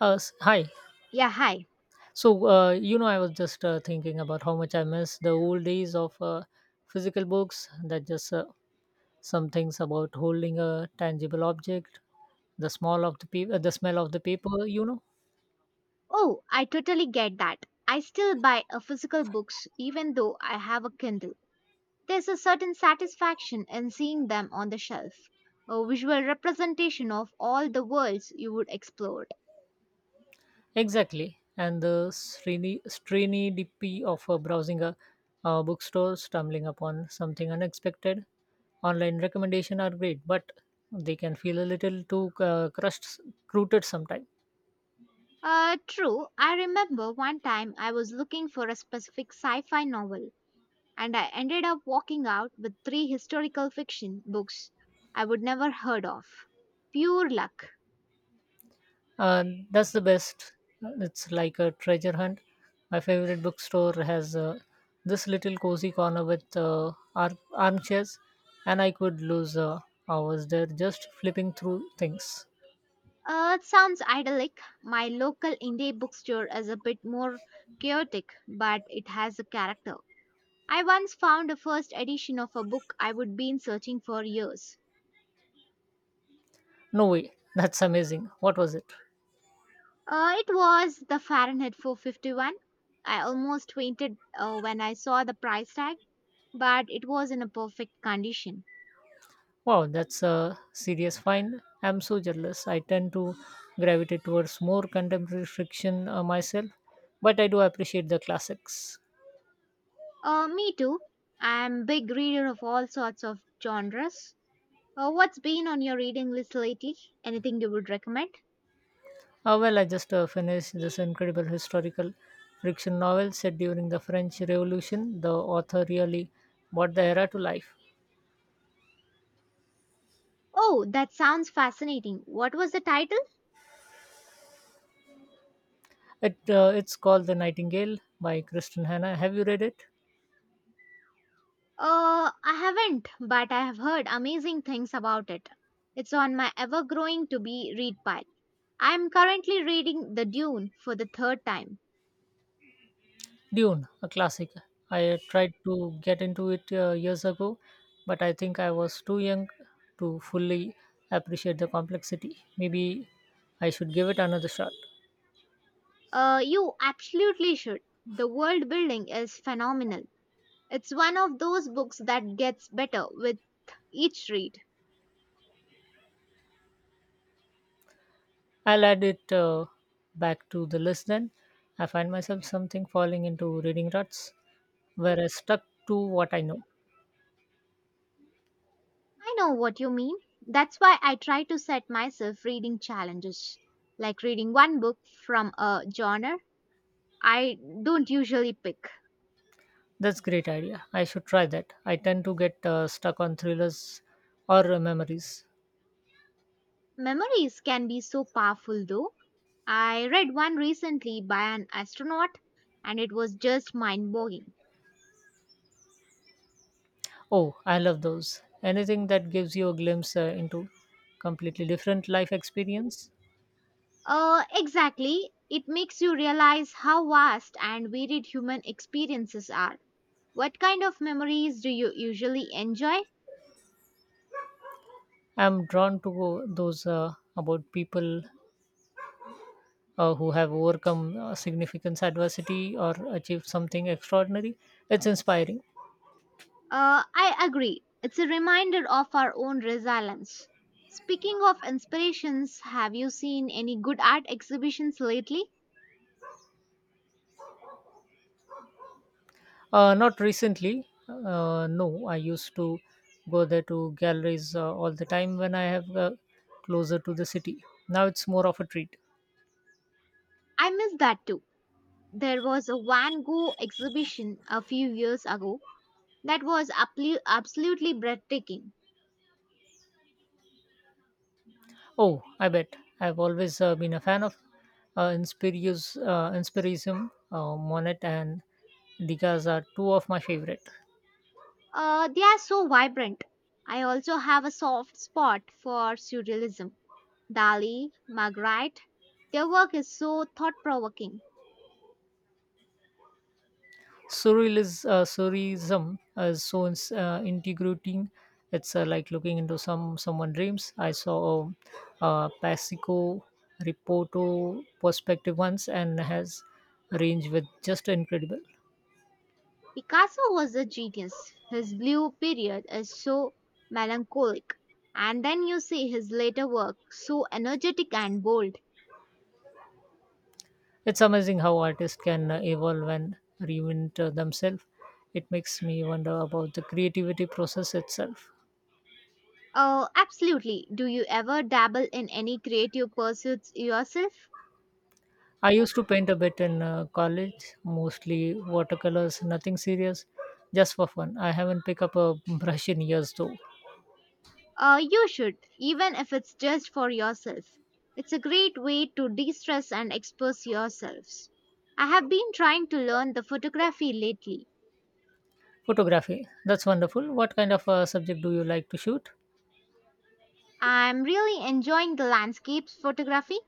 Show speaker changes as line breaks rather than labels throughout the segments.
Hi.
Yeah, hi.
I was just thinking about how much I miss the old days of physical books. That just some things about holding a tangible object, the smell of the paper, the smell of the paper. You know
Oh, I totally get that. I still buy a physical books even though I have a Kindle. There's a certain satisfaction in seeing them on the shelf, a visual representation of all the worlds you would explore.
exactly, and the strainy DP of browsing a bookstore, stumbling upon something unexpected. Online recommendation are great, but they can feel a little too crushed, rooted sometimes.
True, I remember one time I was looking for a specific sci fi novel, and I ended up walking out with three historical fiction books I would never heard of. Pure luck.
And that's the best. It's like a treasure hunt. My favorite bookstore has this little cozy corner with armchairs, and I could lose hours there just flipping through things.
It sounds idyllic. My local indie bookstore is a bit more chaotic, but it has a character. I once found a first edition of a book I would been searching for years.
No way, that's amazing. What was it?
It was the Fahrenheit 451. I almost fainted when I saw the price tag, but it was in a perfect condition.
Wow, that's a serious find. I'm so jealous. I tend to gravitate towards more contemporary fiction myself, but I do appreciate the classics.
Me too. I'm a big reader of all sorts of genres. What's been on your reading list lately? Anything you would recommend?
I just finished this incredible historical fiction novel set during the French Revolution. The author really brought the era to life.
Oh, that sounds fascinating. What was the title?
It's called The Nightingale by Kristen Hannah. Have you read it?
I haven't, but I have heard amazing things about it. It's on my ever growing to be read pile. I am currently reading The Dune for the third time.
Dune, a classic. I tried to get into it years ago, but I think I was too young to fully appreciate the complexity. Maybe I should give it another shot.
You absolutely should. The world building is phenomenal. It's one of those books that gets better with each read.
I'll add it back to the list then. I find myself something falling into reading ruts where I stuck to what I know.
I know what you mean. That's why I try to set myself reading challenges, like reading one book from a genre I don't usually pick.
That's great idea. I should try that. I tend to get stuck on thrillers or memories.
Memories can be so powerful though. I read one recently by an astronaut and it was just mind boggling.
Oh, I love those. Anything that gives you a glimpse into completely different life experience.
Exactly. It makes you realize how vast and varied human experiences are. What kind of memories do you usually enjoy?
I'm drawn to those about people who have overcome significant adversity or achieved something extraordinary. It's inspiring.
I agree. It's a reminder of our own resilience. Speaking of inspirations, have you seen any good art exhibitions lately?
Not recently. No, I used to go there to galleries all the time when I have closer to the city. Now it's more of a treat.
I miss that too. There was a Van Gogh exhibition a few years ago that was absolutely breathtaking.
Oh, I bet. I've always been a fan of Inspirius, Inspirism, Monet, and Degas are two of my favorite.
They are so vibrant. I also have a soft spot for surrealism. Dali, Magritte, their work is so thought provoking.
Surrealism, surrealism is so integrating. It's like looking into someone dreams. I saw a Pasico Reporto perspective once and has range with just incredible.
Picasso was a genius. His blue period is so melancholic. And then you see his later work, so energetic and bold.
It's amazing how artists can evolve and reinvent themselves. It makes me wonder about the creativity process itself.
Oh, absolutely. Do you ever dabble in any creative pursuits yourself?
I used to paint a bit in college, mostly watercolors, nothing serious, just for fun. I haven't picked up a brush in years though.
You should, even if it's just for yourself. It's a great way to de stress and expose yourselves. I have been trying to learn the photography lately.
Photography, that's wonderful. What kind of subject do you like to shoot?
I'm really enjoying the landscapes photography,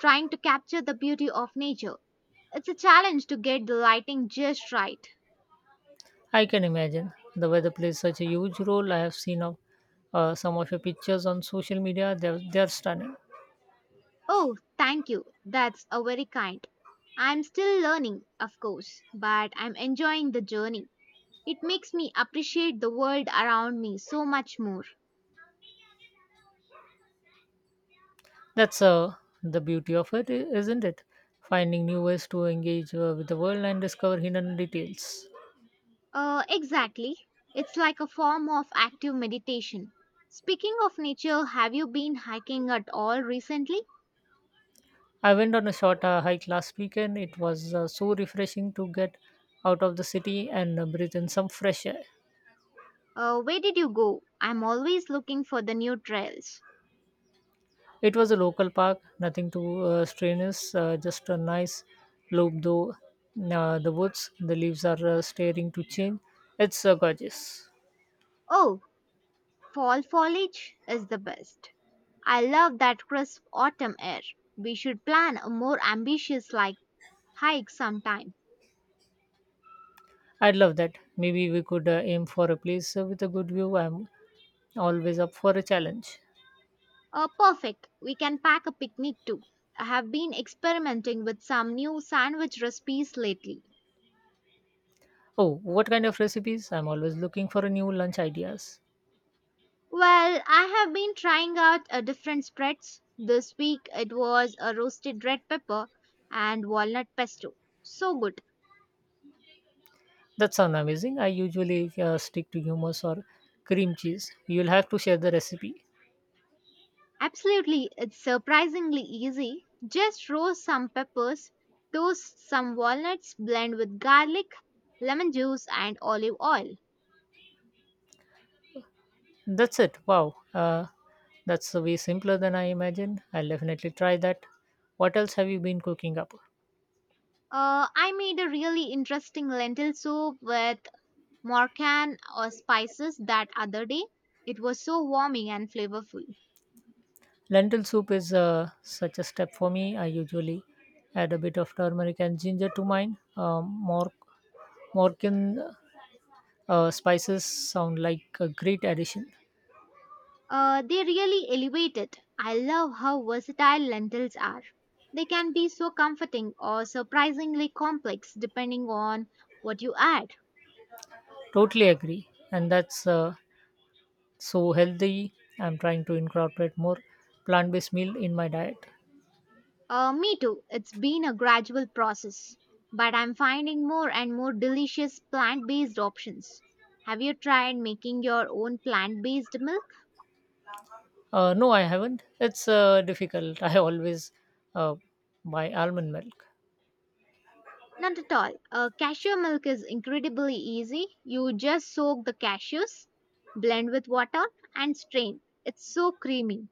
trying to capture the beauty of nature. It's a challenge to get the lighting just right.
I can imagine. The weather plays such a huge role. I have seen some of your pictures on social media, they're stunning.
Oh, thank you. That's a very kind. I'm still learning, of course, but I'm enjoying the journey. It makes me appreciate the world around me so much more.
That's the beauty of it, isn't it? Finding new ways to engage with the world and discover hidden details.
Exactly. It's like a form of active meditation. Speaking of nature, have you been hiking at all recently?
I went on a short hike last weekend. It was so refreshing to get out of the city and breathe in some fresh air.
Where did you go? I'm always looking for the new trails.
It was a local park, nothing too strenuous, just a nice loop though. The woods, the leaves are starting to change. It's gorgeous.
Oh, fall foliage is the best. I love that crisp autumn air. We should plan a more ambitious like hike sometime.
I'd love that. Maybe we could aim for a place with a good view. I'm always up for a challenge.
Perfect. We can pack a picnic too. I have been experimenting with some new sandwich recipes lately.
Oh, what kind of recipes? I'm always looking for a new lunch ideas.
Well, I have been trying out a different spreads. This week it was a roasted red pepper and walnut pesto. So good.
That sounds amazing. I usually stick to hummus or cream cheese. You'll have to share the recipe.
Absolutely, it's surprisingly easy. Just roast some peppers, toast some walnuts, blend with garlic, lemon juice, and olive oil.
That's it. Wow. That's way simpler than I imagined. I'll definitely try that. What else have you been cooking up?
I made a really interesting lentil soup with morcan or spices that other day. It was so warming and flavorful.
Lentil soup is such a step for me. I usually add a bit of turmeric and ginger to mine. Moroccan spices sound like a great addition.
They really elevate it. I love how versatile lentils are. They can be so comforting or surprisingly complex depending on what you add.
Totally agree. And that's so healthy. I'm trying to incorporate more plant-based meal in my diet.
Me too. It's been a gradual process, but I'm finding more and more delicious plant based options. Have you tried making your own plant based milk?
No, I haven't. It's difficult. I always uh, buy almond milk.
Not at all. Cashew milk is incredibly easy. You just soak the cashews, blend with water, and strain. It's so creamy.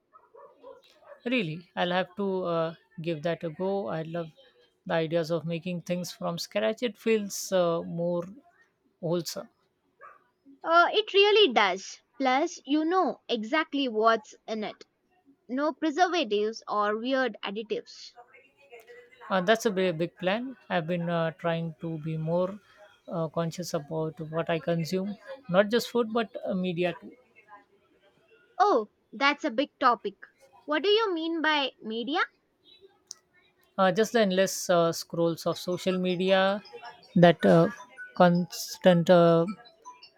Really? I'll have to give that a go. I love the ideas of making things from scratch. It feels more wholesome.
It really does. Plus, you know exactly what's in it. No preservatives or weird additives.
That's a very big plan. I've been trying to be more conscious about what I consume, not just food but media too.
Oh, that's a big topic. What do you mean by media?
Just the endless scrolls of social media, that constant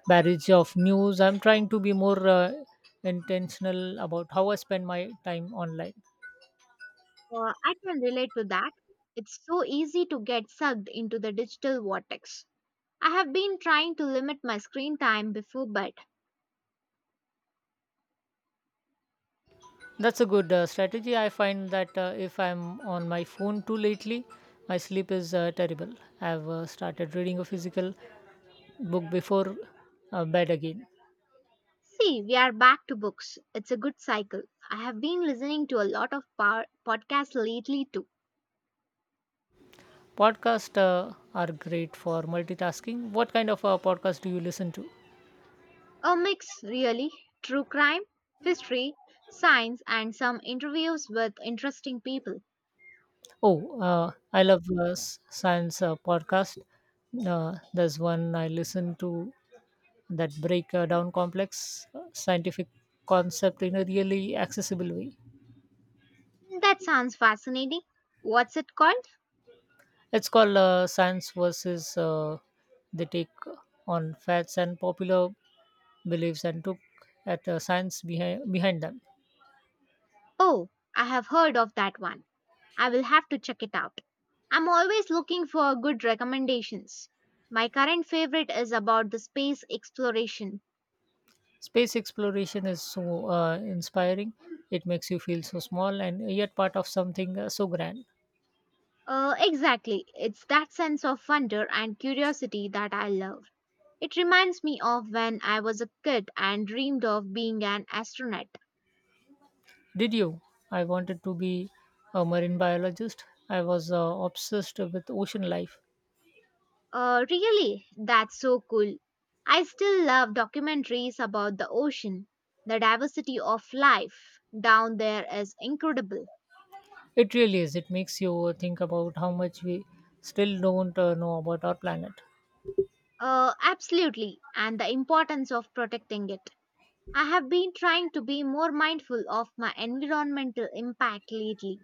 barrage of news. I'm trying to be more intentional about how I spend my time online.
I can relate to that. It's so easy to get sucked into the digital vortex. I have been trying to limit my screen time before bed.
That's a good strategy. I find that if I'm on my phone too lately, my sleep is terrible. I've started reading a physical book before bed again.
See, we are back to books. It's a good cycle. I have been listening to a lot of podcasts lately too.
Podcasts are great for multitasking. What kind of podcast do you listen to?
A mix, really. True crime, history, science, and some interviews with interesting people.
Oh, I love science podcast. There's one I listen to that break down complex scientific concept in a really accessible way.
That sounds fascinating. What's it called?
It's called Science versus the take on facts and popular beliefs and took at science behind them.
Oh, I have heard of that one. I will have to check it out. I'm always looking for good recommendations. My current favorite is about the space exploration.
Space exploration is so inspiring. It makes you feel so small and yet part of something so grand.
Exactly. It's that sense of wonder and curiosity that I love. It reminds me of when I was a kid and dreamed of being an astronaut.
Did you? I wanted to be a marine biologist. I was obsessed with ocean life.
Really? That's so cool. I still love documentaries about the ocean. The diversity of life down there is incredible.
It really is. It makes you think about how much we still don't know about our planet.
Absolutely, and the importance of protecting it. I have been trying to be more mindful of my environmental impact lately.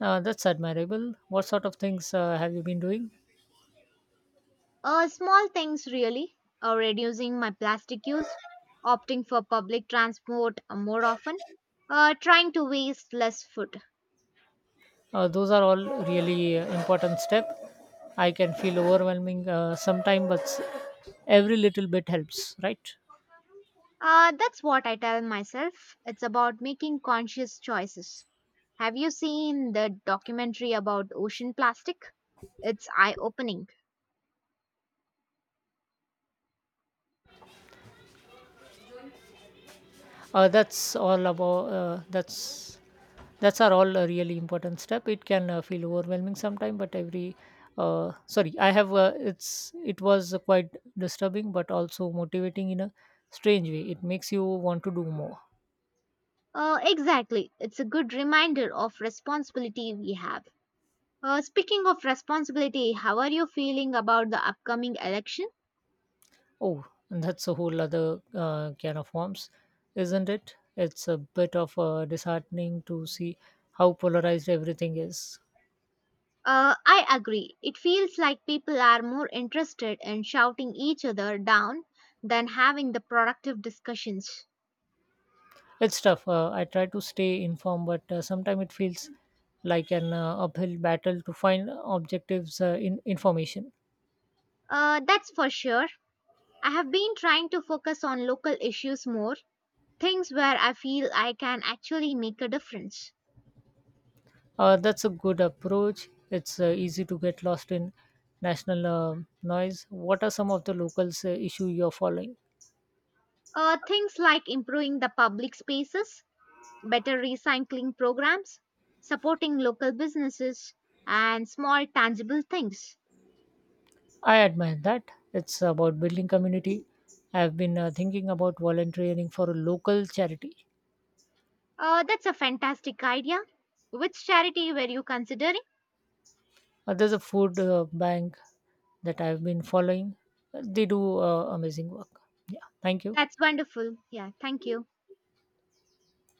That's admirable. What sort of things have you been doing?
Small things, really. Reducing my plastic use, opting for public transport more often, trying to waste less food.
Those are all really important step. I can feel overwhelming sometimes, but every little bit helps, right?
That's what I tell myself. It's about making conscious choices. Have you seen the documentary about ocean plastic? It's eye opening.
Uh, that's all about. Uh, that's that's are all a really important step. It can feel overwhelming sometime, but every sorry, I have it was quite disturbing, but also motivating in a strange way. It makes you want to do more.
Exactly. It's a good reminder of responsibility we have. Speaking of responsibility, how are you feeling about the upcoming election?
Oh, and that's a whole other can of worms, isn't it? It's a bit of disheartening to see how polarized everything is.
I agree. It feels like people are more interested in shouting each other down than having the productive discussions.
It's tough. I try to stay informed, but sometimes it feels like an uphill battle to find objectives in information.
That's for sure. I have been trying to focus on local issues more, things where I feel I can actually make a difference.
That's a good approach. It's easy to get lost in national noise. What are some of the locals issue you're following?
Things like improving the public spaces, better recycling programs, supporting local businesses, and small tangible things.
I admire that. It's about building community. I've been thinking about volunteering for a local charity.
That's a fantastic idea. Which charity were you considering?
There's a food bank that I've been following. They do amazing work. Yeah. Thank you.
That's wonderful. Yeah, thank you.